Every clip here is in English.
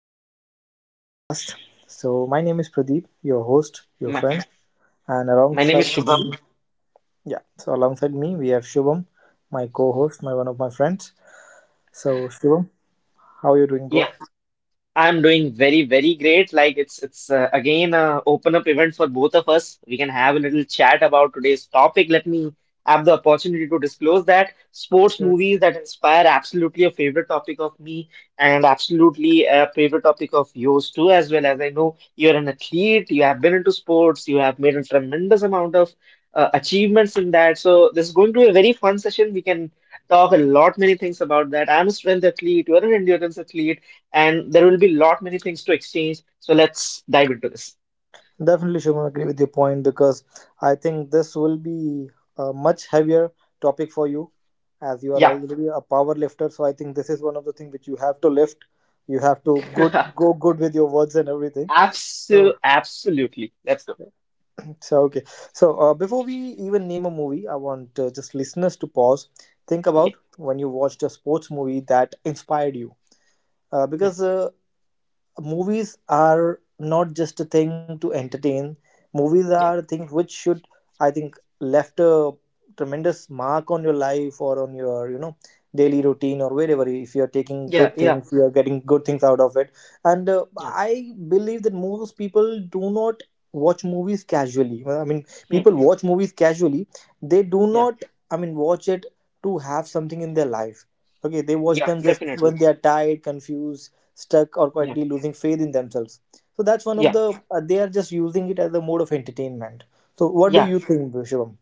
back to our podcast. So, my name is Pradeep, your host, your My, friend, and my name is alongside Shubham. me, yeah, so alongside me we have Shubham, my co-host, my one of my friends. So, Shubham, how are you doing, Yeah, bro? I'm doing very, very great. Like it's again a open up event for both of us. We can have a little chat about today's topic. Let me have the opportunity to disclose that sports Yes. movies that inspire absolutely a favorite topic of me and absolutely a favorite topic of yours too, as well as I know you're an athlete, you have been into sports, you have made a tremendous amount of achievements in that. So this is going to be a very fun session. We can talk a lot many things about that. I'm a strength athlete, you're an endurance athlete and there will be lot many things to exchange. So let's dive into this. Definitely, Shubham, agree with your point because I think this will be a much heavier topic for you, as you are Yeah. already a power lifter. So, I think this is one of the things which you have to lift. You have to good go good with your words and everything. So. Absolutely. Let's go. So okay. So before we even name a movie, I want just listeners to pause, think about Okay. when you watched a sports movie that inspired you. Yeah, Because movies are not just a thing to entertain. Movies are yeah, things which should, I think, left a tremendous mark on your life, or on your daily routine, or wherever, if you are taking yeah, good yeah, things, you are getting good things out of it. And yeah. I believe that most people do not watch movies casually. Well, I mean, Hmm. people watch movies casually, they do Yeah, not, I mean, watch it to have something in their life. Okay, they watch yeah, them just when definitely. they are tired, confused, stuck, or Yeah, quietly losing faith in themselves. So that's one of yeah, the they are just using it as a mode of entertainment. So what do yeah. you think, Shivam?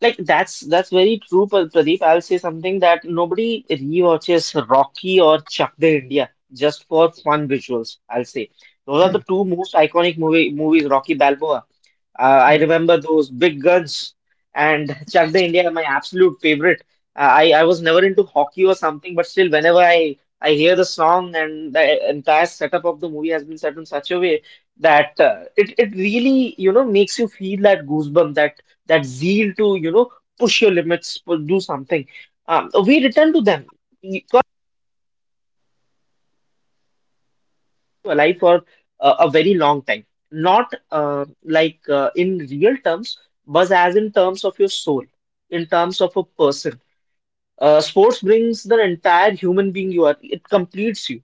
Like that's very true, Pradeep. I'll say something that nobody rewatches Rocky or Chak De India just for fun visuals. I'll say those are the two most iconic movies. Rocky Balboa. I remember those big guns and Chak De India, my absolute favorite. I was never into hockey or something, but still, whenever I hear the song and the entire setup of the movie has been set in such a way that it really makes you feel that goosebump, that zeal to push your limits, do something. We return to them alive for a very long time. Not like in real terms, but as in terms of your soul, in terms of a person. Sports brings the entire human being you are. It completes you,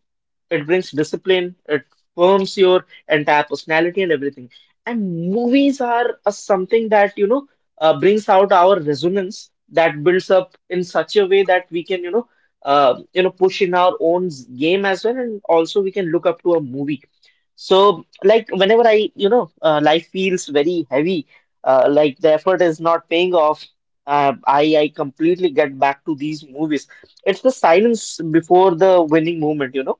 it brings discipline, it forms your entire personality and everything. And movies are a something that, brings out our resonance that builds up in such a way that we can, push in our own game as well, and also we can look up to a movie. So, like, whenever I, life feels very heavy, like the effort is not paying off, I completely get back to these movies. It's the silence before the winning moment, you know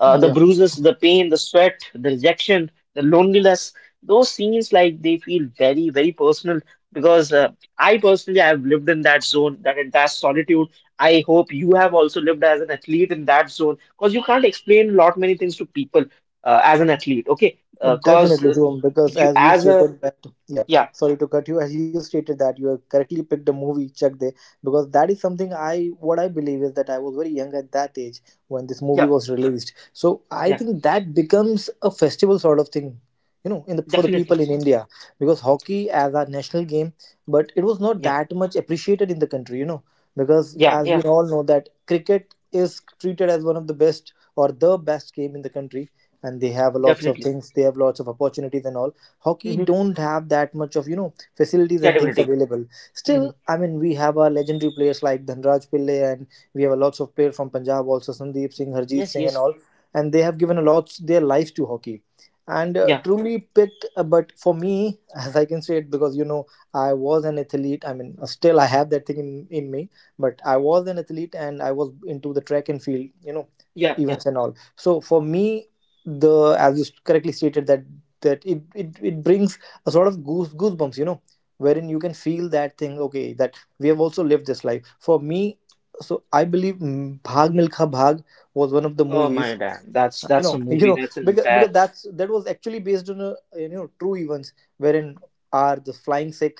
uh, the Yeah. bruises, the pain, the sweat, the rejection, the loneliness. Those scenes, like they feel very, very personal because I personally I've lived in that zone, that entire solitude. I hope you have also lived as an athlete in that zone because you can't explain a lot many things to people as an athlete. Okay, because uh, 'cause, Definitely, uh, Shubham, because you as you as a stated that, yeah, yeah, sorry to cut you. As you stated that you have correctly picked the movie Chak De, because that is something what I believe is that I was very young at that age when this movie yeah, was released. So I yeah, think that becomes a festival sort of thing, you know, in the for the definitely, people in India, because hockey as our national game, but it was not yeah, that much appreciated in the country, because yeah, as we yeah, all know that cricket is treated as one of the best or the best game in the country, and they have lots of definitely. things, they have lots of opportunities and all. Hockey Mm-hmm. don't have that much of facilities and things Credibility. available. Mm-hmm. Still, I mean, we have our legendary players like Dhanraj Pillay, and we have a lots of players from Punjab also, Sandeep Singh, Harjeet Yes, Singh, and yes, all, and they have given a lot their life to hockey. And yeah, truly picked, but for me as I can say it, because you know I was an athlete, I mean still I have that thing in me. But I was an athlete and I was into the track and field, yeah, yeah. events and all. So for me, the as you correctly stated that it brings a sort of goosebumps, wherein you can feel that thing, okay, that we have also lived this life. For me, so I believe, Bhag Milkha Bhag was one of the Oh movies, my damn, that's you that's a know. You movie. know, That's an because entire that was actually based on a true events, wherein are the Flying Sikh,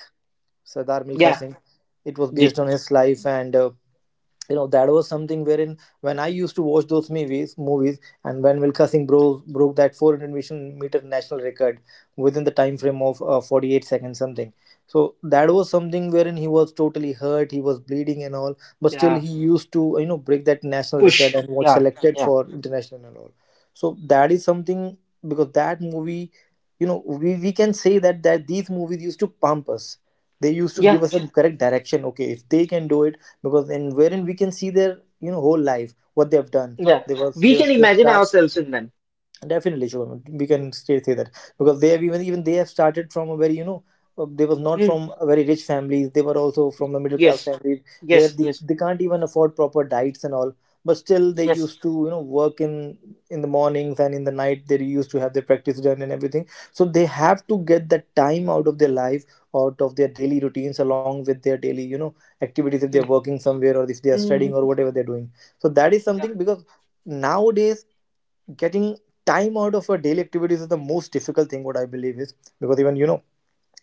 Sardar Milkha yeah, Singh. It was based ye- on his life. And that was something, wherein when I used to watch those movies, and when Milka Singh broke that 400-meter national record within the time frame of 48 seconds something. So that was something wherein he was totally hurt, he was bleeding and all, but still yeah, he used to break that national record push, and was yeah, selected yeah, for international and all. So that is something. Because that movie, we can say that that these movies used to pump us, they used to yeah, give us a correct direction. Okay, if they can do it, because in wherein we can see their whole life, what they have done. yeah. they were We they were can stiff imagine start. ourselves in them. Definitely, Shubham. We can still say that because they have even they have started from a very they was not Mm, from a very rich families. They were also from the middle class yes, families, where yes, they, yes, they can't even afford proper diets and all. But still, they yes. used to work in the mornings and in the night. They used to have their practice done and everything. So they have to get that time out of their life, out of their daily routines, along with their daily activities, if they're working somewhere or if they are Mm, studying or mhm, whatever they're doing. So that is yeah, something. Because nowadays, getting time out of our daily activities is the most difficult thing, what I believe is, because even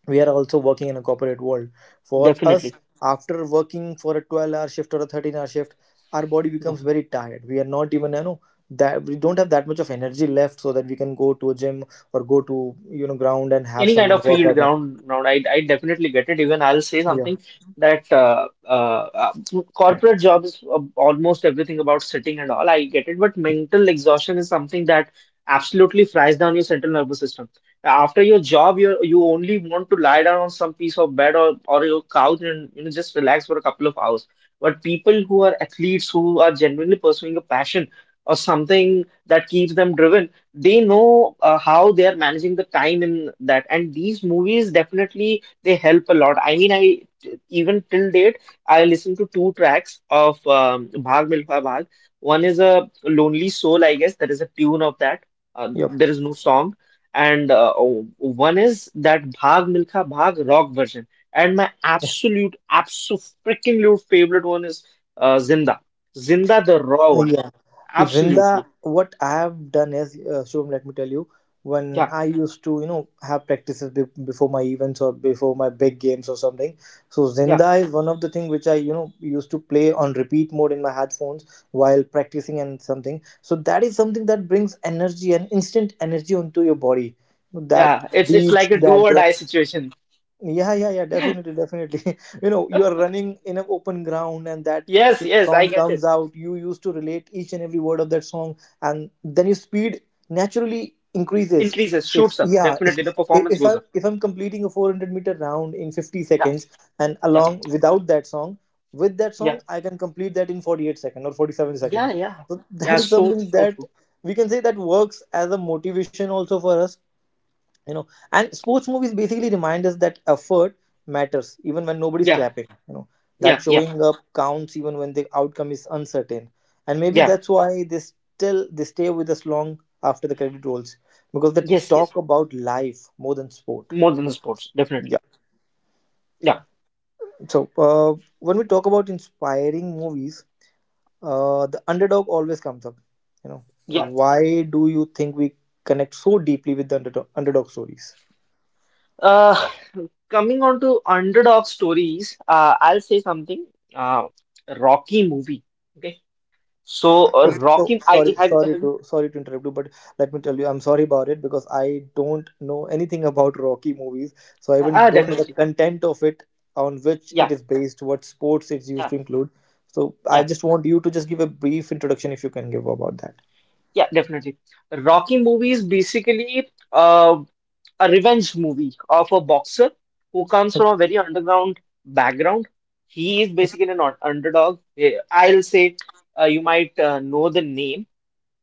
we are also working in a corporate world. For us, definitely. after working for a 12-hour shift or a 13-hour shift, our body becomes Yeah. very tired, we are not even that we don't have that much of energy left, so that we can go to a gym or go to ground and have Any some kind of field workout. ground. I definitely get it. Even I'll say Yeah. something that corporate job is almost everything about sitting and all. I get it, but mental exhaustion is something that absolutely fries down your central nervous system. After your job, you only want to lie down on some piece of bed or your couch and just relax for a couple of hours. But people who are athletes, who are genuinely pursuing a passion or something that keeps them driven, they know how they are managing the time in that. And these movies, definitely they help a lot. I mean, I even till date I listen to two tracks of Bhag Milkha Bhag. One is A Lonely Soul, I guess. There is a tune of that, there is no song. And one is that Bhag Milkha Bhag rock version. And my absolute freaking lute favorite one is Zinda, Zinda, the raw one. Yep. Zinda, Absolutely. what I have done is, Shubham, let me tell you, when Yeah, I used to, have practices before my events or before my big games or something. So yeah. Zinda is one of the thing which I, used to play on repeat mode in my headphones while practicing and something. So that is something that brings energy and instant energy onto your body. That Yeah, it's beats, like a do that or die situation. Yeah, yeah, yeah, definitely, definitely. You know, you are running in an open ground, and that Yes, yes, I song get it. comes out. You used to relate each and every word of that song, and then your speed naturally increases. Increases, If shoots up. yeah, if, Definitely, the performance if goes I up. if I'm completing a 400-meter round in 50 Yeah, seconds, and yeah, along without that song, with that song yeah, I can complete that in 48 second or 47 second. yeah, yeah. So Yeah, that is so something so that true. we can say that works as a motivation also for us you know and sports movies basically remind us that effort matters even when nobody's Yeah, clapping, yeah, that yeah, showing up counts even when the outcome is uncertain. And maybe yeah. that's why they still they stay with us long after the credit rolls, because they Yes, yes. talk about life more than sport. More than the sports, Yeah. definitely. Yeah, So, uh, when we talk about inspiring movies, the underdog always comes up. Yeah. Why do you think we connect so deeply with the underdog stories? Uh, Coming on to underdog stories, I'll say something. Uh, Rocky movie. Okay. So Okay, so Rocky, I have you? Sorry to interrupt you, but let me tell you, I'm sorry about it because I don't know anything about Rocky movies, so I even Ah, don't know the definitely. content of it, on which it Yeah, is based, what sports it's used yeah. to include. So I Yeah. just want you to just give a brief introduction if you can give about that. Yeah, definitely. Rocky movie is basically a revenge movie of a boxer who comes from Okay. a very underground background. He is basically an underdog. Eh, I'll say you might know the name.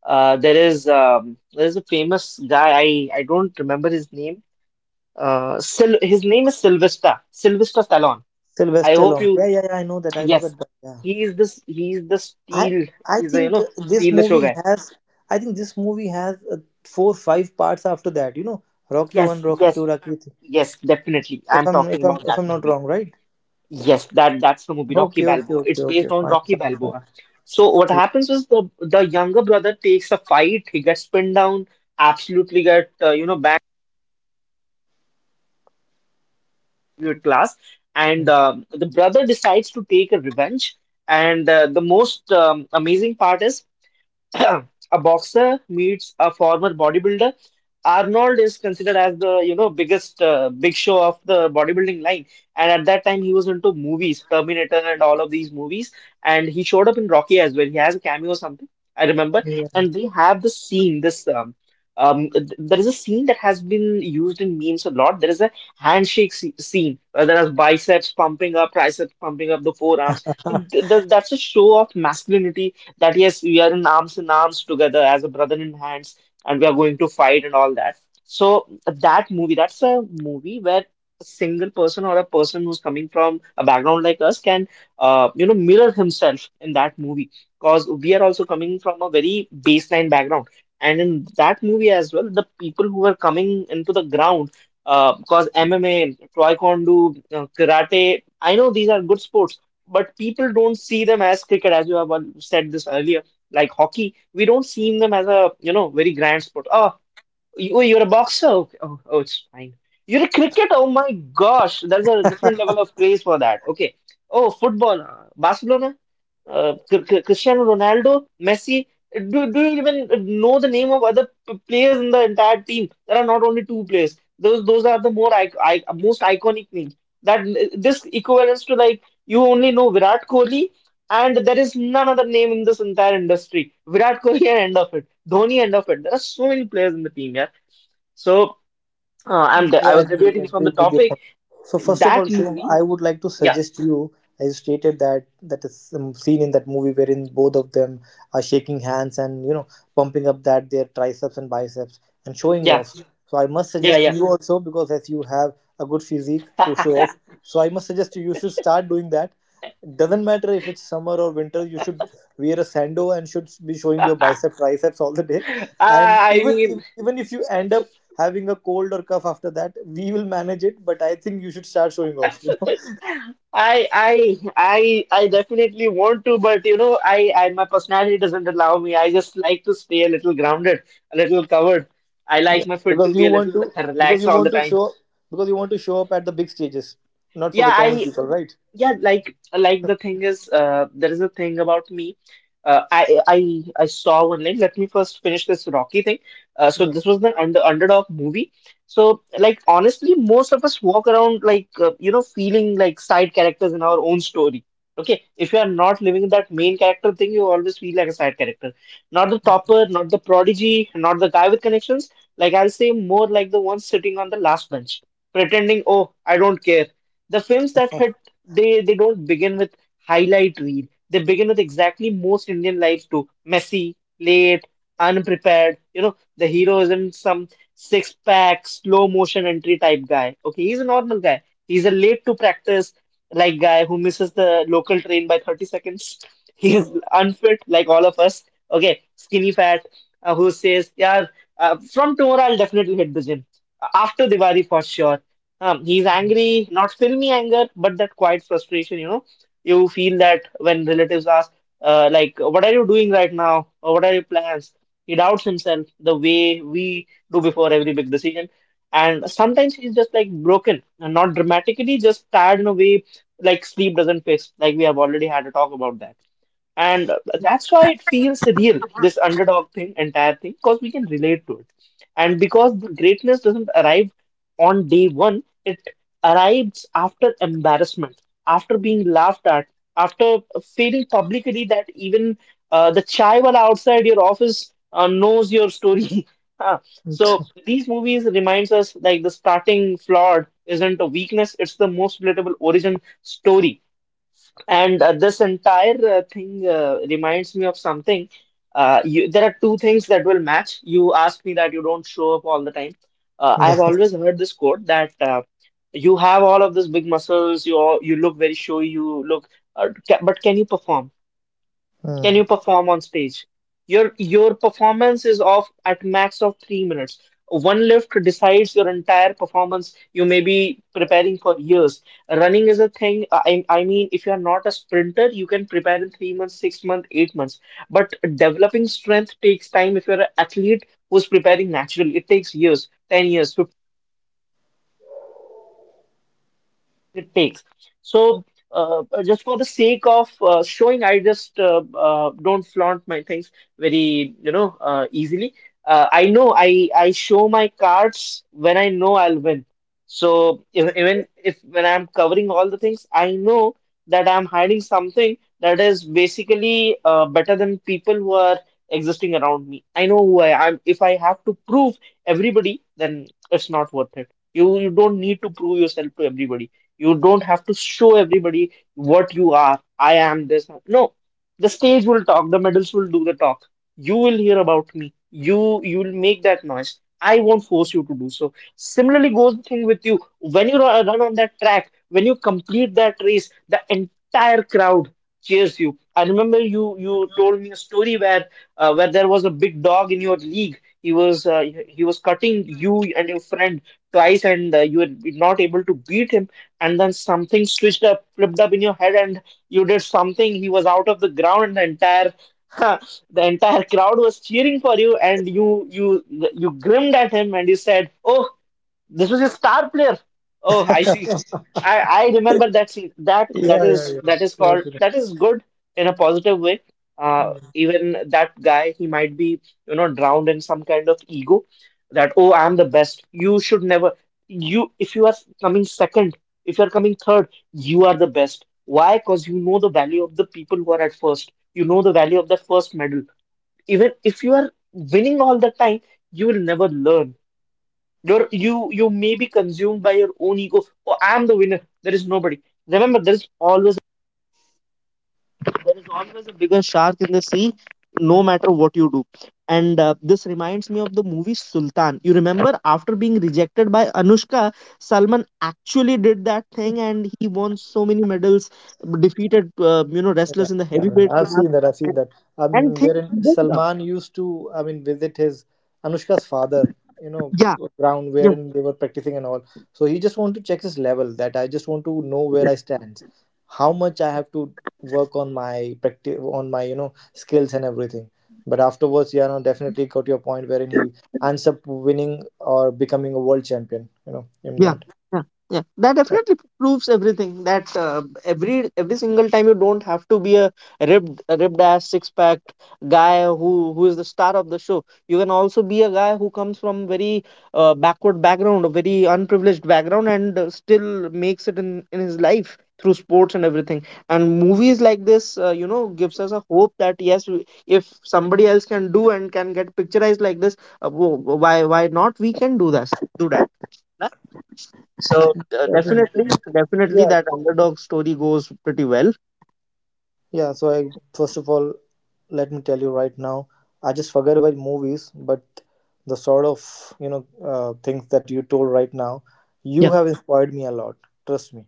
There is a famous guy. I don't remember his name. Sil his name is Sylvester Stallone. I Sylvester hope Stallone. you. Yeah, yeah, yeah. I know that. I know Yes. that. But yeah, He is this. He is the I steel. I He's the think this steal the show movie guy. has. I think this movie has four five parts after that. You know, Rocky one, Yes, Rocky yes. two, Rocky three. Yes, definitely. If I'm I'm if talking I'm about if that I'm not movie. wrong, right? Yes, that's the movie Rocky Okay, okay, Balboa. okay, It's okay. based on Fine, Rocky fine, Balboa. fine. So what Yeah. happens is the younger brother takes a fight. He gets pinned down, absolutely get back to your class, and the brother decides to take a revenge. And the most amazing part is a boxer meets a former bodybuilder. Arnold is considered as the biggest big show of the bodybuilding line, and at that time he was into movies, Terminator and all of these movies, and he showed up in Rocky as well. He has a cameo or something, I remember, Yeah. and they have the scene. There is a scene that has been used in memes a lot. There is a handshake scene. There is biceps pumping up, triceps pumping up, the forearms. That's a show of masculinity that yes, we are in arms together as a brother in hands, and we are going to fight and all that. So that movie, that's a movie where a single person or a person who's coming from a background like us can, mirror himself in that movie because we are also coming from a very baseline background. And in that movie as well, the people who are coming into the ground, because MMA, Taekwondo, karate, I know these are good sports but people don't see them as cricket, as you have said this earlier, like hockey. We don't see them as a, very grand sport. Oh, oh, you're a boxer? Okay. Oh, it's fine. You're a cricket? Oh my gosh, there's a different level of craze for that. Okay. Oh, football, Barcelona? Cristiano Ronaldo, Messi. Do you even know the name of other players in the entire team? There are not only two players. Those are the more most iconic names. That This equivalents to like you only know Virat Kohli, and there is none other name in this entire industry. Virat Kohli and end of it. Dhoni end of it. There are so many players in the team, yeah. So Yeah, I was I debating from agree the with your topic point. So first of all, that Shubham, movie. I would like to Yeah, suggest you, as you stated that, that is scene in that movie wherein both of them are shaking hands and pumping up that their triceps and biceps and showing yeah, off. So I must yeah, suggest yeah. you also, because as you have a good physique to show off, so I must suggest you should start doing that. Doesn't matter if it's summer or winter, you should wear a sando and should be showing your I bicep triceps all the day. And I mean. even if you end up having a cold or cough after that, we will manage it. But I think you should start showing off. I definitely want to, but you know, I my personality doesn't allow me. I just like to stay a little grounded, a little covered. I like my foot because to be you a want little to because relaxed you all the want to time. show because you want to show up at the big stages, not for Yeah, the common I. people, right? Yeah, like the thing is, there is a thing about me. I saw one line. Let me first finish this Rocky thing. So Yeah. this was the underdog movie. So like honestly, most of us walk around like feeling like side characters in our own story. Okay, if you are not living that main character thing, you always feel like a side character. Not the topper, not the prodigy, not the guy with connections. Like I'll say more like the one sitting on the last bench, pretending, oh, I don't care. The films that hit, they don't begin with highlight reel. They begin with exactly most Indian lives too. Messy, late, unprepared. You know, the hero isn't some six pack, slow motion entry type guy. Okay, he's a normal guy. He's a late to practice like guy who misses the local train by 30 seconds. He is unfit like all of us. Okay, skinny fat who says, yeah, from tomorrow I'll definitely hit the gym. After Diwali for sure. He's angry, not filmy anger, but that quiet frustration, you know. You feel that when relatives ask, like, what are you doing right now? Or what are your plans? He doubts himself the way we do before every big decision. And sometimes he's just like broken, and not dramatically, just tired in a way like sleep doesn't fix, like we have already had a talk about that. And that's why it feels real, this underdog thing, entire thing, because we can relate to it. And because the greatness doesn't arrive on day one, it arrives after embarrassment, after being laughed at, after feeling publicly that even the chai wala outside your office knows your story. Huh. So these movies reminds us like the starting flawed isn't a weakness, it's the most relatable origin story. And this entire thing reminds me of something. There are two things that will match. You asked me that you don't show up all the time. I've always heard this quote that you have all of these big muscles, you all, you look very showy, you look, but can you perform? Can Yeah. you perform on stage? Your performance is of at max of 3 minutes. One lift decides your entire performance. You may be preparing for years. Running is a thing. I mean, if you are not a sprinter, you can prepare in 3 months, 6 months, 8 months. But developing strength takes time. If you're an athlete who's preparing naturally, it takes years, 10 years, 15 it takes. So, just for the sake of showing, I just don't flaunt my things very, you know, easily. I know I show my cards when I know I'll win. So even if when I'm covering all the things, I know that I'm hiding something that is basically better than people who are existing around me. I know who I am. If I have to prove everybody, then it's not worth it. You don't need to prove yourself to everybody. You don't have to show everybody what you are. I am this. No, the stage will talk. The medals will do the talk. You will hear about me. You will make that noise. I won't force you to do so. Similarly goes the thing with you. When you run on that track, when you complete that race, the entire crowd cheers you. I remember you told me a story where there was a big dog in your league. He was he was cutting you and your friend twice, and you were not able to beat him, and then something switched up, flipped up in your head, and you did something. He was out of the ground, and the entire the entire crowd was cheering for you, and you grinned at him, and you said, "Oh, this was a star player. Oh, I see. I remember that scene. That Yeah. Yeah, that is called yeah. that is good in a positive way." Even that guy, he might be, you know, drowned in some kind of ego that, oh, I'm the best. You should never, you, if you are coming second, if you are coming third, you are the best. Why? Because you know the value of the people who are at first. You know the value of the first medal. Even if you are winning all the time, you will never learn. You may be consumed by your own ego. Oh, I'm the winner. There is nobody. Remember, there is always, there is always a bigger shark in the sea, no matter what you do. And this reminds me of the movie Sultan. You remember, after being rejected by Anushka, Salman actually did that thing, and he won so many medals, defeated you know Yeah, wrestlers in the yeah, heavyweight I have class, seen that. I've seen and, that. I and mean, things. wherein Didn't up. Salman used to, I mean, visit his Anushka's father, you know, Yeah, ground yeah. wherein they were practicing and all. So he just wanted to check his level. That I just want to know where I stand, how much I have to work on my practice, on my skills and everything. But afterwards, yeah, no, definitely got your point wherein he ends up winning or becoming a world champion. In yeah that. yeah yeah that That- definitely proves everything that every single time you don't have to be a ribbed ass six pack guy who is the star of the show you can also be a guy who comes from very backward background a very unprivileged background and still makes it in his life through sports and everything and movies like this you know gives us a hope that yes we- if somebody else can do and can get picturized like this wo- why not we can do this do that so that is good. definitely, definitely Yeah, that underdog story goes pretty well. yeah. So I first of all let me tell you right now, I just forget about movies, but the sort of things that you told right now, you Yeah, have inspired me a lot. Trust me.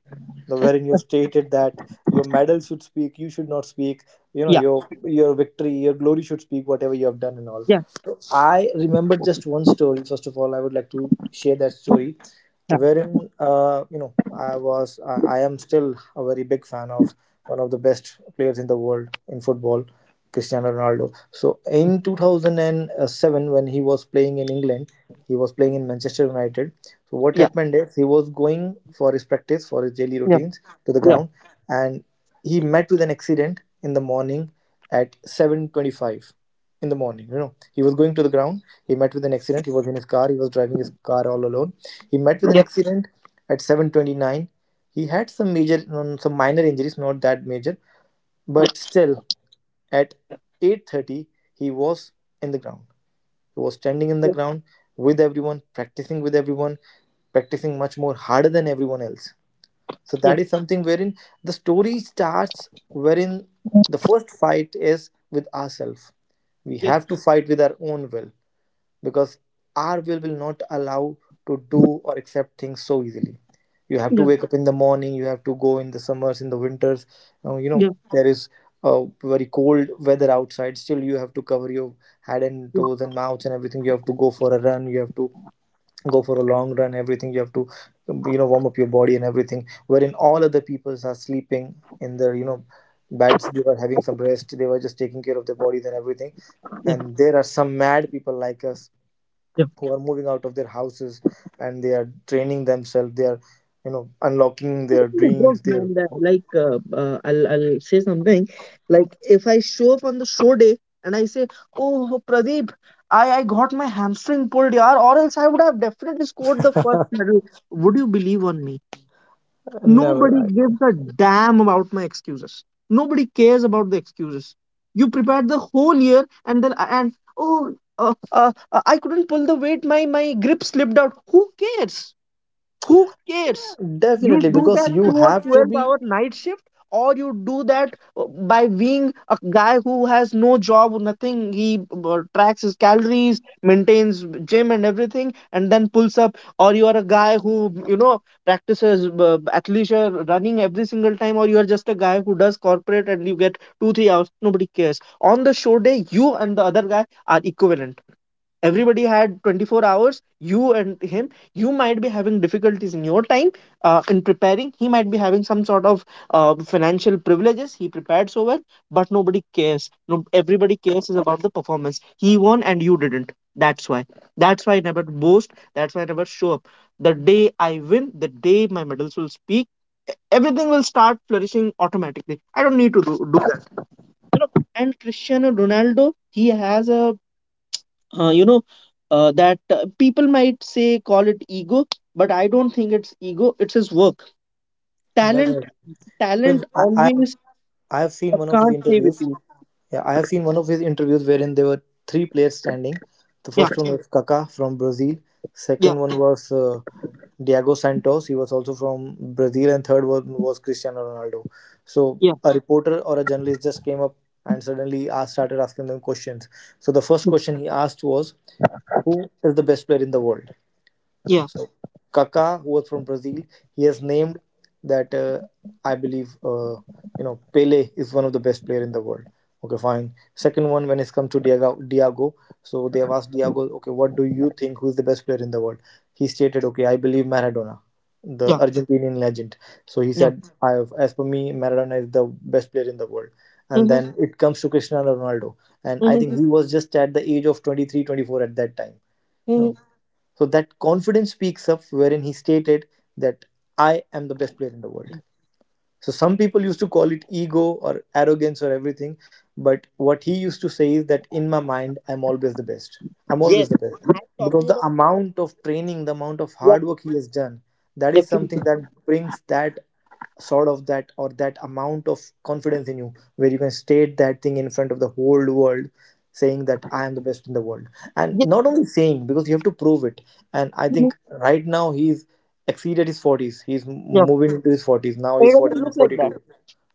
The wherein you stated that your medal should speak, you should not speak. You know yeah, your victory, your glory should speak whatever you have done and all. yeah, So I remember just one story. First of all, I would like to share that story, yeah, wherein I am still a very big fan of one of the best players in the world in football, Cristiano Ronaldo. So in 2007, when he was playing in England, he was playing in Manchester United. So what happened is he was going for his practice, for his daily yeah, routines to the yeah, ground, and he met with an accident in the morning at 7:25 in the morning. You know, he was going to the ground. He met with an accident. He was in his car. He was driving his car all alone. He met yeah, with yeah, an accident at 7:29. He had some some minor injuries, not that major, but still at yeah, 8:30, he was in the ground. He was standing yeah, in the ground with everyone, practicing much more harder than everyone else. So yeah, yeah, that is something wherein the story starts, wherein the first fight is with ourselves. We have to fight with our own will because our will not allow to do or accept things so easily. You have to wake up in the morning. You have to go in the summers, in the winters, you yeah, yeah, know, there is very cold weather outside. Still you have to cover your head and toes and mouth and everything. You have to go for a run. You have to go for a long run, everything. You have to you know, warm up your body and everything, wherein all other peoples are sleeping in their you know beds. They were having some rest. They were just taking care of their bodies and everything, yeah. and there are some mad people like us Yeah. who are moving out of their houses, and they are training themselves. They are you know unlocking What their kind of work, dreams, their man? That like, I'll say something. Like, if I show up on the show day and I say, "Oh, Pradeep, I got my hamstring pulled, yaar, or else I would have definitely scored the first medal." Would you believe on me? Nobody never gives a damn about my excuses. Nobody cares about the excuses. You prepared the whole year and then and oh I couldn't pull the weight. My grip slipped out. Who cares? Who cares? You definitely do because that you through a have to 12-hour be hour night shift, or you do that by being a guy who has no job or nothing. He tracks his calories, maintains gym and everything, and then pulls up, or you are a guy who, you know, practices athleisure running every single time, or you are just a guy who does corporate and you get 2 3 hours. Nobody cares. On the show day you and the other guy are equivalent. Everybody had 24 hours, you and him. You might be having difficulties in your time in preparing. He might be having some sort of financial privileges. He prepared so well, but nobody cares. No, everybody cares is about the performance. He won and you didn't. That's why, that's why I never boast. That's why I never show up. The day I win, the day my medals will speak, everything will start flourishing automatically. I don't need to do, do that. You know, and Cristiano Ronaldo, he has a, you know, that people might say call it ego, but I don't think it's ego. It's his work, talent. definitely Talent well, I have, always I have seen one of his can't stay with interviews. you. Yeah, I have seen one of his interviews wherein there were three players standing. The Yeah. first Correct. one was Kaká from Brazil. Yeah. Second one was Diego Santos. He was also from Brazil, and third one was Cristiano Ronaldo. So Yeah. a reporter or a journalist just came up and suddenly asked, started asking them questions. So the first Mm. question he asked was, "Who is the best player in the world?" Yeah. So Kaká, who was from Brazil, he has named that I believe you know Pele is one of the best player in the world. Okay, fine. Second one, when it's come to Diego, Diego, so they have asked Diego, okay, what do you think? Who is the best player in the world? He stated, okay, I believe Maradona, the Yeah. Argentinian legend. So he Yeah. said, I have, as per me, Maradona is the best player in the world. And Hmm. then it comes to Cristiano Ronaldo, and I think Hmm. he was just at the age of 23, 24 at that time. Hmm. No. So that confidence speaks up, wherein he stated that I am the best player in the world. So some people used to call it ego or arrogance or everything, but what he used to say is that in my mind, I'm always the best. I'm Yes, always the best. I'm Because talking the about. amount of training, the amount of Yeah, hard work he has done, that is definitely. something that brings that sort of that or that amount of confidence in you where you can state that thing in front of the whole world, saying that I am the best in the world. And Yeah. not only saying, because you have to prove it. And I Mhm. think right now he's exceeded his 40s. He's Yeah. moving into his 40s now. It He's doesn't forty look like forty that. two.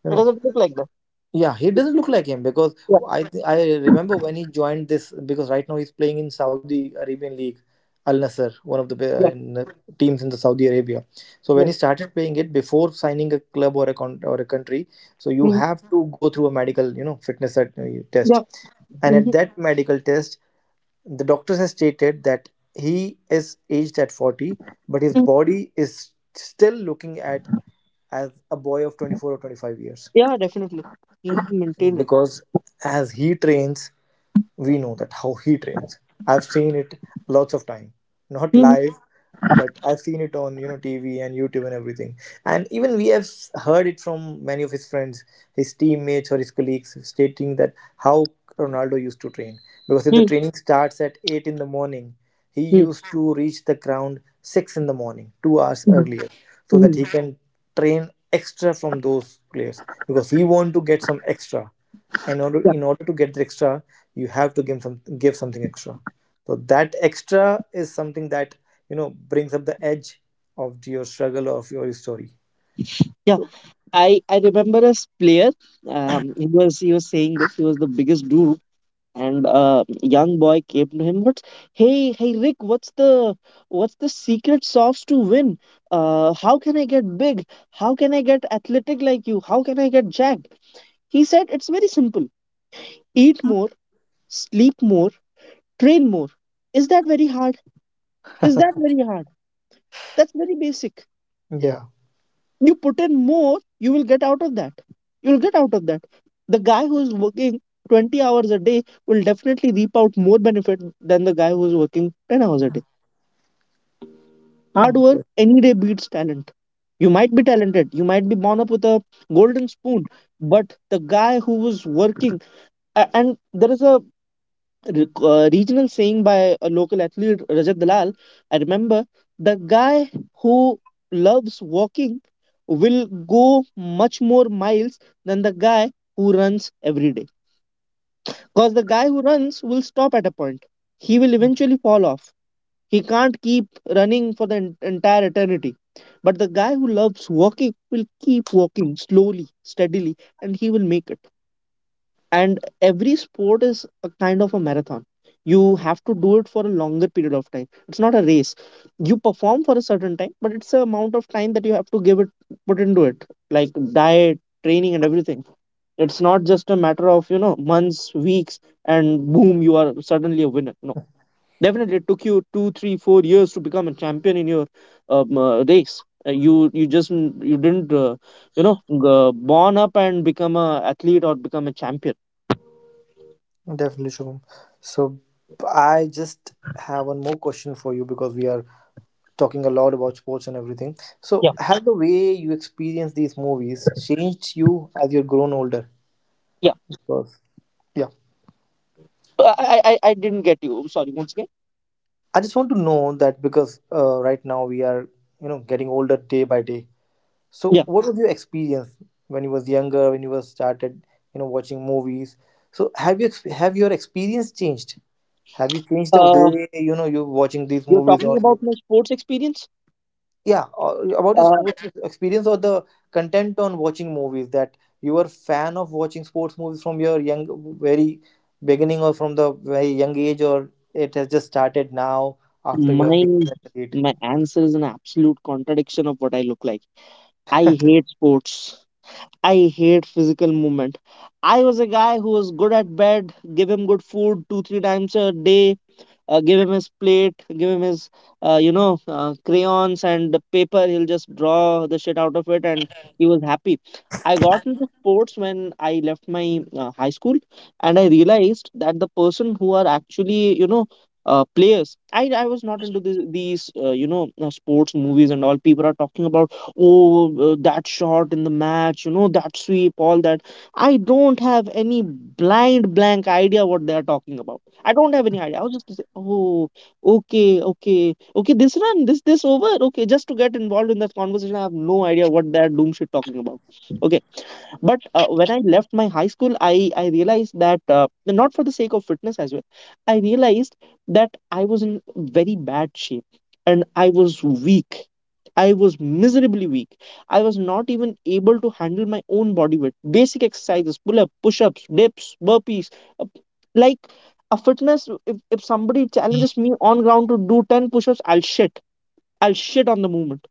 You It know, doesn't look like that. yeah, he doesn't look like him because Yeah. I remember when he joined this, because right now he's playing in Saudi Arabian League, Al Nasser, one of the Yeah. in the teams in the Saudi Arabia. So when Yeah. he started playing it before signing a club or a or a country, so you Mhm. have to go through a medical you know fitness test, Yeah. and at Mhm. that medical test, the doctors have stated that he is aged at 40, but his Mhm. body is still looking at as a boy of 24 or 25 years. Yeah, definitely. You have to maintain it. Because as he trains, we know that how he trains. I've seen it lots of time, not Mhm. live, but I've seen it on you know TV and YouTube and everything. And even we have heard it from many of his friends, his teammates or his colleagues stating that how Ronaldo used to train, because if the Mhm. training starts at 8 in the morning, he Mhm. used to reach the ground 6 in the morning, 2 hours Mhm. earlier, so that Mhm. he can train extra from those players, because he want to get some extra. Yeah. In order to get the extra, you have to give something extra. So that extra is something that you know brings up the edge of your struggle or of your story. so I remember a player. He was saying that he was the biggest dude, and a young boy came to him. What's, hey Rick? What's the, what's the secret sauce to win? How can I get big? How can I get athletic like you? How can I get jacked? He said it's very simple. Eat more, sleep more, train more. Is that very hard? Is that very hard? That's very basic. Yeah, You put in more, you will get out of that. You'll get out of that. The guy who's working 20 hours a day will definitely reap out more benefit than the guy who's working 10 hours a day. Hard work mm, any day beats talent. You might be talented, you might be born up with a golden spoon, but the guy who was working, and there is a regional saying by a local athlete, Rajat Dalal. I remember, the guy who loves walking will go much more miles than the guy who runs every day. Because the guy who runs will stop at a point. He will eventually fall off. He can't keep running for the entire eternity. But the guy who loves walking will keep walking slowly, steadily, and he will make it. And every sport is a kind of a marathon. You have to do it for a longer period of time. It's not a race. You perform for a certain time, but it's the amount of time that you have to give it, put into it, like diet, training and everything. It's not just a matter of, you know, months, weeks, and boom, you are suddenly a winner. No, definitely it took you 2 3 4 years to become a champion in your race. You just, you didn't you know born up and become a athlete or become a champion. definitely, Shubham. So I just have one more question for you, because we are talking a lot about sports and everything. So has the way you experience these movies changed you as you've grown older? Yeah. Because yeah, I I didn't get you. I'm sorry. Once again. I just want to know that because right now we are you know getting older day by day. Yeah. So, what was your experience when you was younger, when you was started, you know, watching movies? So, have you have your experience changed? Have you changed the Uh, way you know you're watching these you're movies talking or about you, my sports experience. yeah, or about your Uh, sports experience or the content on watching movies that you were fan of watching sports movies from your young very beginning or from the very young age or it has just started now after you have my become an athlete. my answer is an absolute contradiction of what I look like. I hate sports. I hate physical movement. I was a guy who was good at bed, give him good food 2 3 times a day, give him his plate, give him his, crayons and the paper. He'll just draw the shit out of it, and he was happy. I got into sports when I left my high school, and I realized that the person who are actually, you know, players. I was not into these sports movies and all. People are talking about, oh, that shot in the match, you know, that sweep, all that. I don't have any blind blank idea what they are talking about. I don't have any idea. I was just oh, okay, okay, okay, this run, this over, okay, just to get involved in that conversation. I have no idea what that doom shit talking about. Okay, but when I left my high school, I realized that not for the sake of fitness as well, I realized that I was in very bad shape, and I was weak. I was miserably weak. I was not even able to handle my own body weight basic exercises, pull up, push ups, dips, burpees, uh, like a fitness. If somebody challenges me on ground to do 10 push ups, I'll shit. I'll shit on the movement.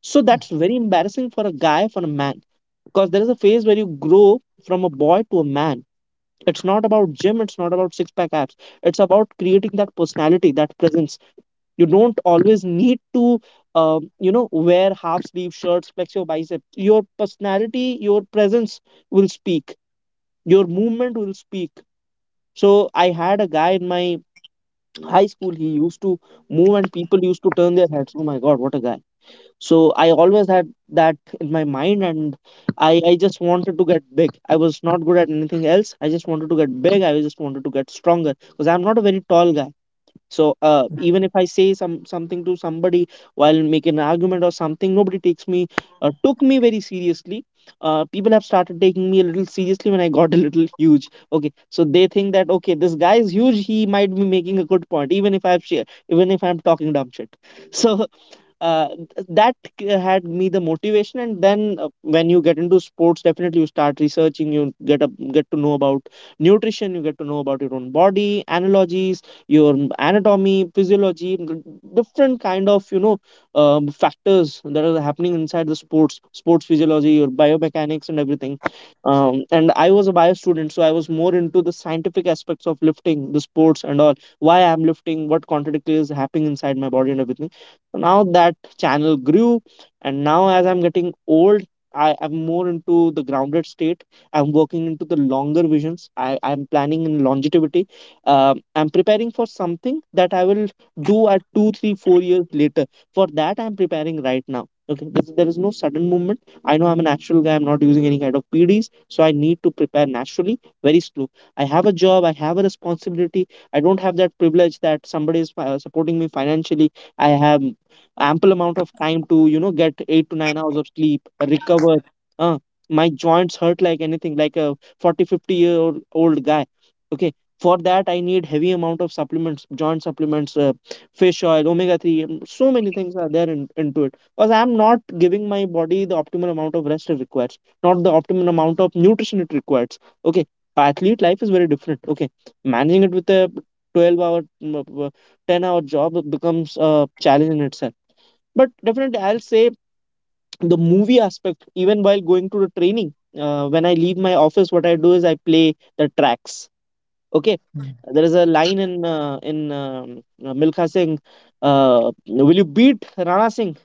So that's very embarrassing for a guy, for a man, because there is a phase where you grow from a boy to a man. It's not about gym, it's not about six pack abs. It's about creating that personality, that presence. You don't always need to you know, wear half sleeve shirts, flex your biceps. Your personality, your presence will speak. Your movement will speak. So I had a guy in my high school, he used to move and people used to turn their heads, oh my God, what a guy. So I always had that in my mind, and I just wanted to get big. I was not good at anything else. I just wanted to get big. I just wanted to get stronger because I'm not a very tall guy. So even if I say something to somebody while making an argument or something, nobody takes me took me very seriously. People have started taking me a little seriously when I got a little huge. Okay, so they think that okay, this guy is huge, he might be making a good point, even if I'm talking dumb shit. So uh, that had me the motivation. And then when you get into sports, definitely you start researching. You get to know about nutrition. You get to know about your own body analogies, your anatomy, physiology, different kind of, you know, factors that are happening inside the sports. Sports physiology, your biomechanics and everything. And I was a bio student, so I was more into the scientific aspects of lifting, the sports and all. Why I'm lifting, what contradictory is happening inside my body and everything. So now that channel grew, and now as I'm getting old, I am more into the grounded state. I'm working into the longer visions. I'm planning in longevity. I'm preparing for something that I will do at 2 3 4 years later. For that I'm preparing right now. Okay. There is no sudden movement. I know I'm a natural guy, I'm not using any kind of PDs, so I need to prepare naturally, very slow. I have a job, I have a responsibility. I don't have that privilege that somebody is supporting me financially. I have ample amount of time to, you know, get 8 to 9 hours of sleep, recover. uh, my joints hurt like anything, like a 4050 year old old guy. Okay, for that I need heavy amount of supplements, joint supplements, fish oil, omega 3. So many things are there into it, because I'm not giving my body the optimal amount of rest it requires, not the optimal amount of nutrition it requires. Okay. Athlete life is very different. Okay, managing it with a 12 hour mm, uh, 10-hour job becomes a challenge in itself. But definitely, I'll say the movie aspect, even while going to the training, when I leave my office, what I do is I play the tracks. Okay, there is a line in Milkha Singh, will you beat Rana Singh?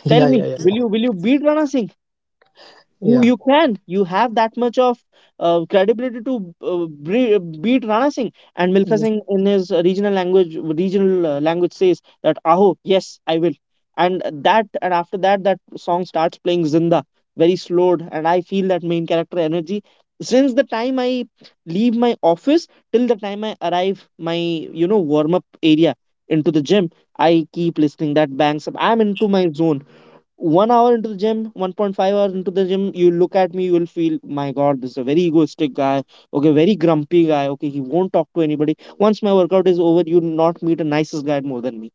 yeah Tell me, yeah will yeah you will you beat Rana Singh? You yeah you can, you have that much of credibility to beat Rana Singh, and Milkha yeah. Singh in his regional language, regional language, says that aho, yes I will. And that, and after that, that song starts playing Zinda, very slowed, and I feel that main character energy. Since the time I leave my office till the time I arrive my, you know, warm up area into the gym, I keep listening that bangs up, I'm into my zone. 1 hour into the gym, 1.5 hours into the gym, you look at me, you will feel, my God, this is a very egoistic guy. Okay, very grumpy guy. Okay, he won't talk to anybody. Once my workout is over, you'll not meet a nicest guy more than me.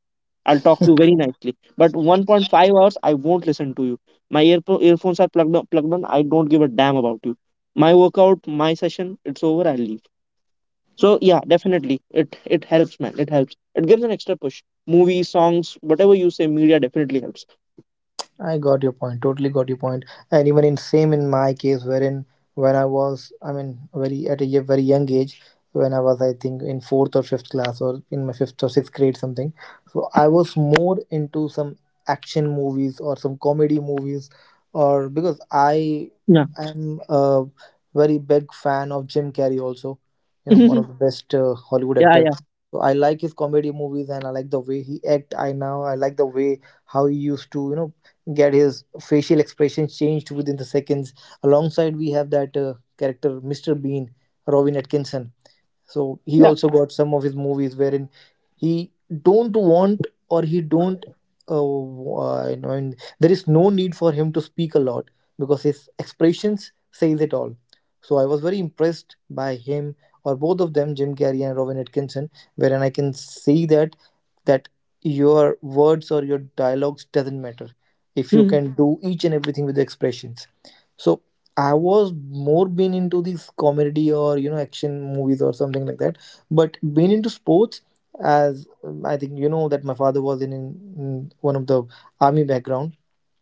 I'll talk to you very nicely. But 1.5 hours, I won't listen to you. My earphones are plugged on. I don't give a damn about you. My workout, my session, it's over. I leave. So yeah, definitely, it helps, man. It helps. It gives an extra push. Movies, songs, whatever you say, media definitely helps. I got your point. Totally got your point. And even in same in my case, wherein when I was, I mean, very at a very young age, when I was, I think, in fourth or fifth class, or in my fifth or sixth grade, something. So I was more into some action movies or some comedy movies, or because I Yeah. am a very big fan of Jim Carrey, also, you know, one Yeah, of the best Hollywood actor. yeah. So I like his comedy movies, and I like the way he act. I like the way how he used to you know get his facial expressions changed within the seconds. Alongside, we have that character, Mr. Bean, Robin Atkinson. So he Yeah. also got some of his movies wherein he don't want or he don't uh, you know, and there is no need for him to speak a lot, because his expressions says it all. So I was very impressed by him, or both of them, Jim Carrey and Robin Atkinson, wherein I can see that that your words or your dialogues doesn't matter if you Mhm. can do each and everything with the expressions. So I was more been into these comedy or you know action movies or something like that. But being into sports, as I think you know that my father was in one of the army background.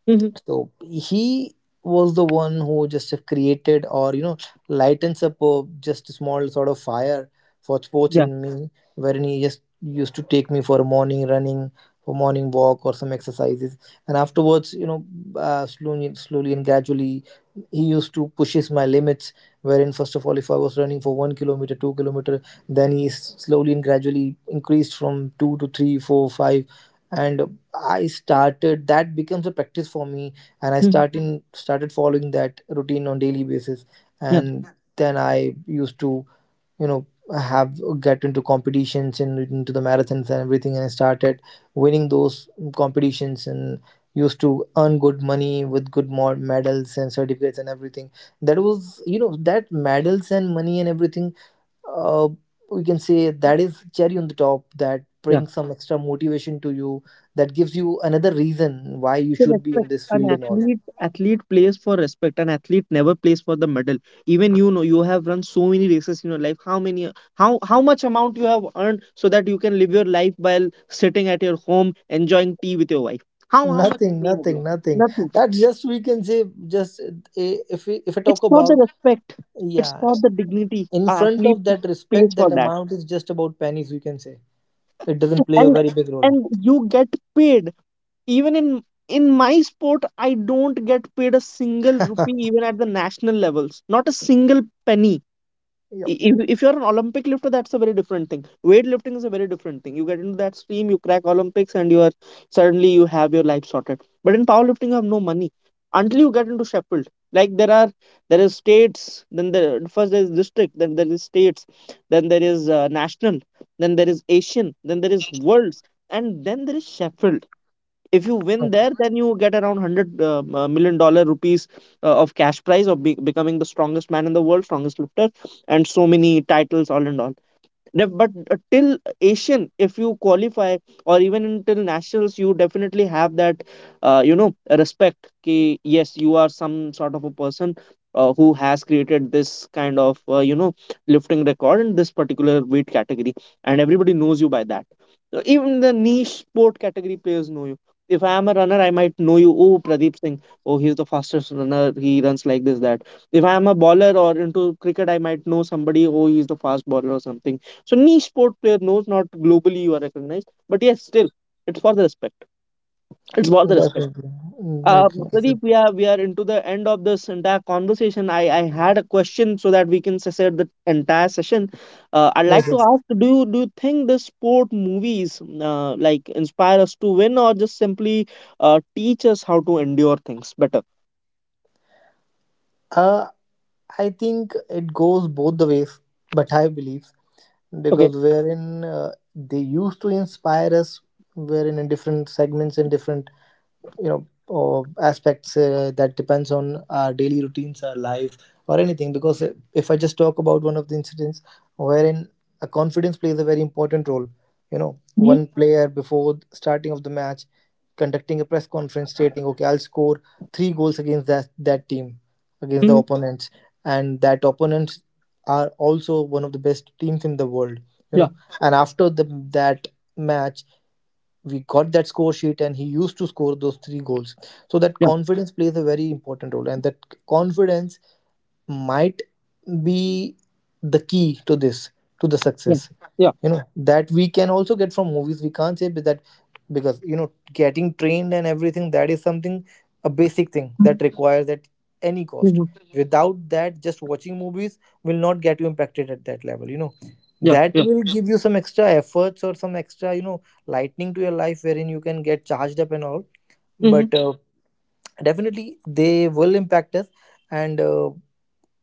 Mhm. So he was the one who just have created or you know lightens up a just a small sort of fire for sports Yeah. in me, wherein he just used to take me for a morning running, for morning walk or some exercises, and afterwards you know slowly, slowly and gradually he used to pushes my limits. Wherein first of all, if I was running for 1 kilometer, 2 kilometer, then he slowly and gradually increased from two to three, four, five, and I started, that becomes a practice for me, and I Mhm. starting started following that routine on daily basis. Yeah. And then I used to, you know have get into competitions and into the marathons and everything, and I started winning those competitions and used to earn good money with good more medals and certificates and everything. That was, that medals and money and everything, uh, we can say that is cherry on the top that Yeah. brings some extra motivation to you, that gives you another reason why you So should be in respect. this An field and all. athlete plays for respect. An athlete never plays for the medal. Even you know you have run so many races in your life. How many how much amount you have earned so that you can live your life while sitting at your home enjoying tea with your wife? How much Nothing, money have you nothing, nothing. earned? Nothing. That's just, we can say, just, if we if I It's talk for the about, respect. It's yeah, for the dignity. in An front athlete of that pays respect for that that. amount is just about pennies, we can say. It doesn't play a And very big role. and you get paid. Even in my sport, I don't get paid a single rupee, even at the national levels, not a single penny. Yep. I- if you're an olympic lifter, that's a very different thing. Weightlifting is a very different thing. You get into that stream, you crack olympics, and you are, suddenly you have your life sorted. But in powerlifting, you have no money until you get into sheffield. Like there are, there is district, then there is states, then there is national, then there is asian, then there is worlds, and then there is sheffield. If you win there, then you get around 100 million dollar rupees of cash prize, of becoming the strongest man in the world, strongest lifter, and so many titles, all and all. But till asian if you qualify, or even until nationals, you definitely have that you know, respect ki, yes, you are some sort of a person who has created this kind of you know, lifting record in this particular weight category, and everybody knows you by that. So even the niche sport category players know you. If I am a runner, I might know you, oh, pradeep singh, oh, he's the fastest runner, he runs like this, that. If I am a bowler, or into cricket, I might know somebody, oh, he's the fast bowler or something. So niche sport player knows, not globally you are recognized, but yes, still it's for the respect. It's for the respect. Definitely. Mm, Uh, okay. Okay. Pradeep, we are into the end of this entire conversation. I had a question so that we can set the entire session. I'd Sure, like sure. to ask, do you think the sport movies like inspire us to win, or just simply teach us how to endure things better? uh I think it goes both the ways, but I believe, Okay. because wherein they used to inspire us, wherein in different segments, in different you know aspects, that depends on our daily routines, our life, or anything. Because if I just talk about one of the incidents, wherein a confidence plays a very important role, Hmm. one player before the starting of the match, conducting a press conference, stating, okay, I'll score three goals against that team, against the Hmm. opponents. And that opponents are also one of the best teams in the world you Yeah. know and after the that match we got that score sheet and he used to score those three goals. So that Yeah. confidence plays a very important role, and that confidence might be the key to this to the Yeah. success. Yeah. That we can also get from movies, we can't say that, because getting trained and everything, that is something a basic thing Mm-hmm. that requires at any cost. Mm-hmm. Without that, just watching movies will not get you impacted at that level. Yeah. That Yeah. will give you some extra efforts, or some extra lightning to your life, wherein you can get charged up and all. Mm-hmm. But definitely they will impact us. And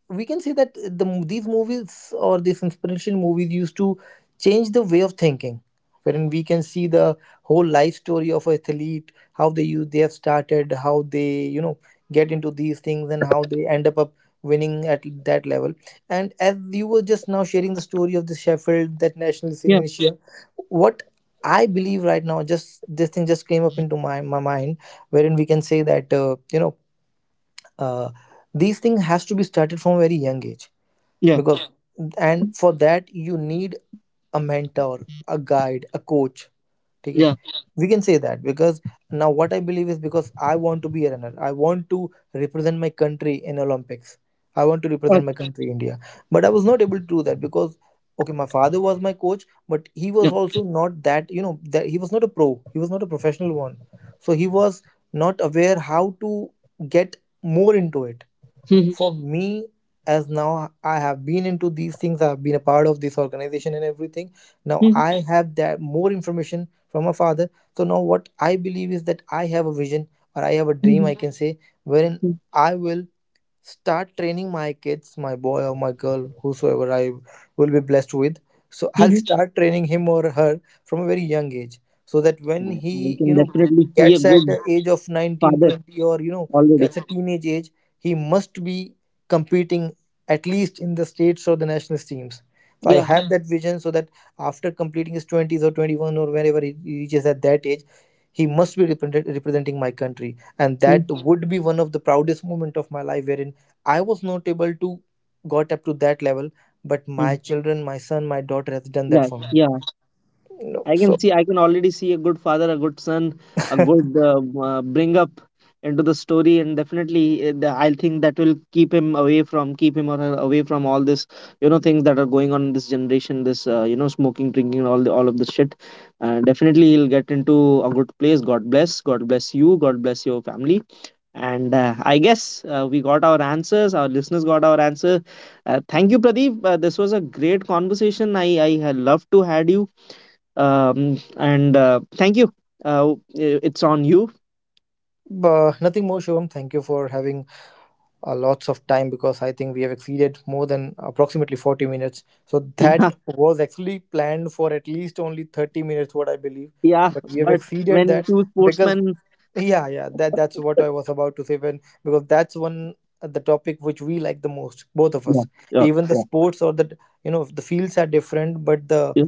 we can say that the these movies, or these inspiration movies, used to change the way of thinking, wherein we can see the whole life story of an athlete, how they have started, how they get into these things, and how they end up winning at that level. And as you were just now sharing the story of the Sheffield, that nationalist Yeah. initiative, what I believe right now, just this thing just came up into my mind, wherein we can say that uh, these things has to be started from a very young age, Yeah. because, and for that you need a mentor, a guide, a coach. Okay. Yeah. We can say that, because now what I believe is, because I want to be a runner, I want to represent my country in Olympics, I want to Uh, represent my country India. But I was not able to do that because, okay, my father was my coach, but he yeah. was also not that, that he was not a pro, he was not a professional one. So he was not aware how to get more into it. Mm-hmm. For me, as now I have been into these things, I've been a part of this organization and everything, now Mm-hmm. I have that more information from my father. So now what I believe is that I have a vision, or I have a dream, I Mhm. can say, wherein Mhm. I will start training my kids, my boy or my girl, whosoever I will be blessed with. So I'll Mhm. start training him or her from a very young age, so that when Yeah, he I can definitely see a gets at good the age of 19, father 20, or already. gets a teenage age, he must be competing at least in the states or the national teams. So I Yeah, have that vision, so that after completing his 20s or 21, or whenever he reaches at that age, he must be representing my country, and yeah, that would be one of the proudest moment of my life, wherein I was not able to got up to that level, but my mm, children, my son, my daughter, has done that yeah, for me, yeah. I can so. see. I can already see a good father, a good son, a good bring up into the story. And definitely, I think that will keep him away from, keep him or her away from all this, you know, things that are going on in this generation. This, you know, smoking, drinking, all of this shit. Definitely, he'll get into a good place. God bless. God bless you. God bless your family. And I guess we got our answers. Our listeners got our answer. Thank you, Pradeep. This was a great conversation. I had loved to had you. And thank you. It's on you. But nothing more, Shivam, thank you for having lots of time, because I think we have exceeded more than approximately 40 minutes. So that Yeah, was actually planned for at least only 30 minutes, what I believe. yeah. But we have But exceeded when that, two because sportsmen, yeah, yeah, that's what I was about to say, when, because that's one the topic which we like the most, both of yeah, us. yeah, Even the yeah, sports, or the the fields are different, but the yeah,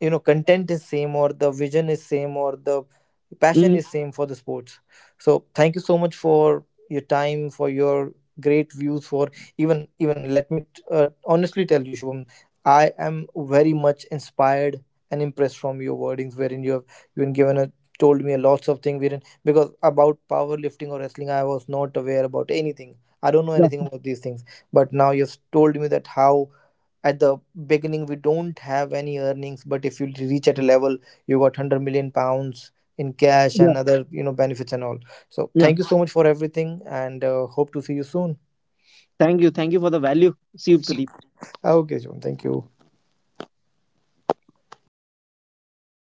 content is same, or the vision is same, or the passion mhm, is same for the sports. So thank you so much for your time, for your great views, for even let me honestly tell you, Shubham. I am very much inspired and impressed from your wordings, wherein you have given a told me a lots of things, wherein because about powerlifting or wrestling I was not aware about anything, I don't know yeah, anything about these things. But now you've told me that how at the beginning we don't have any earnings, but if you reach at a level, you got £100 million in cash, yeah, and other benefits and all. So yeah. thank you so much for everything, and hope to see you soon. Thank you for the value. See you, Pradeep. Okay, John, thank you.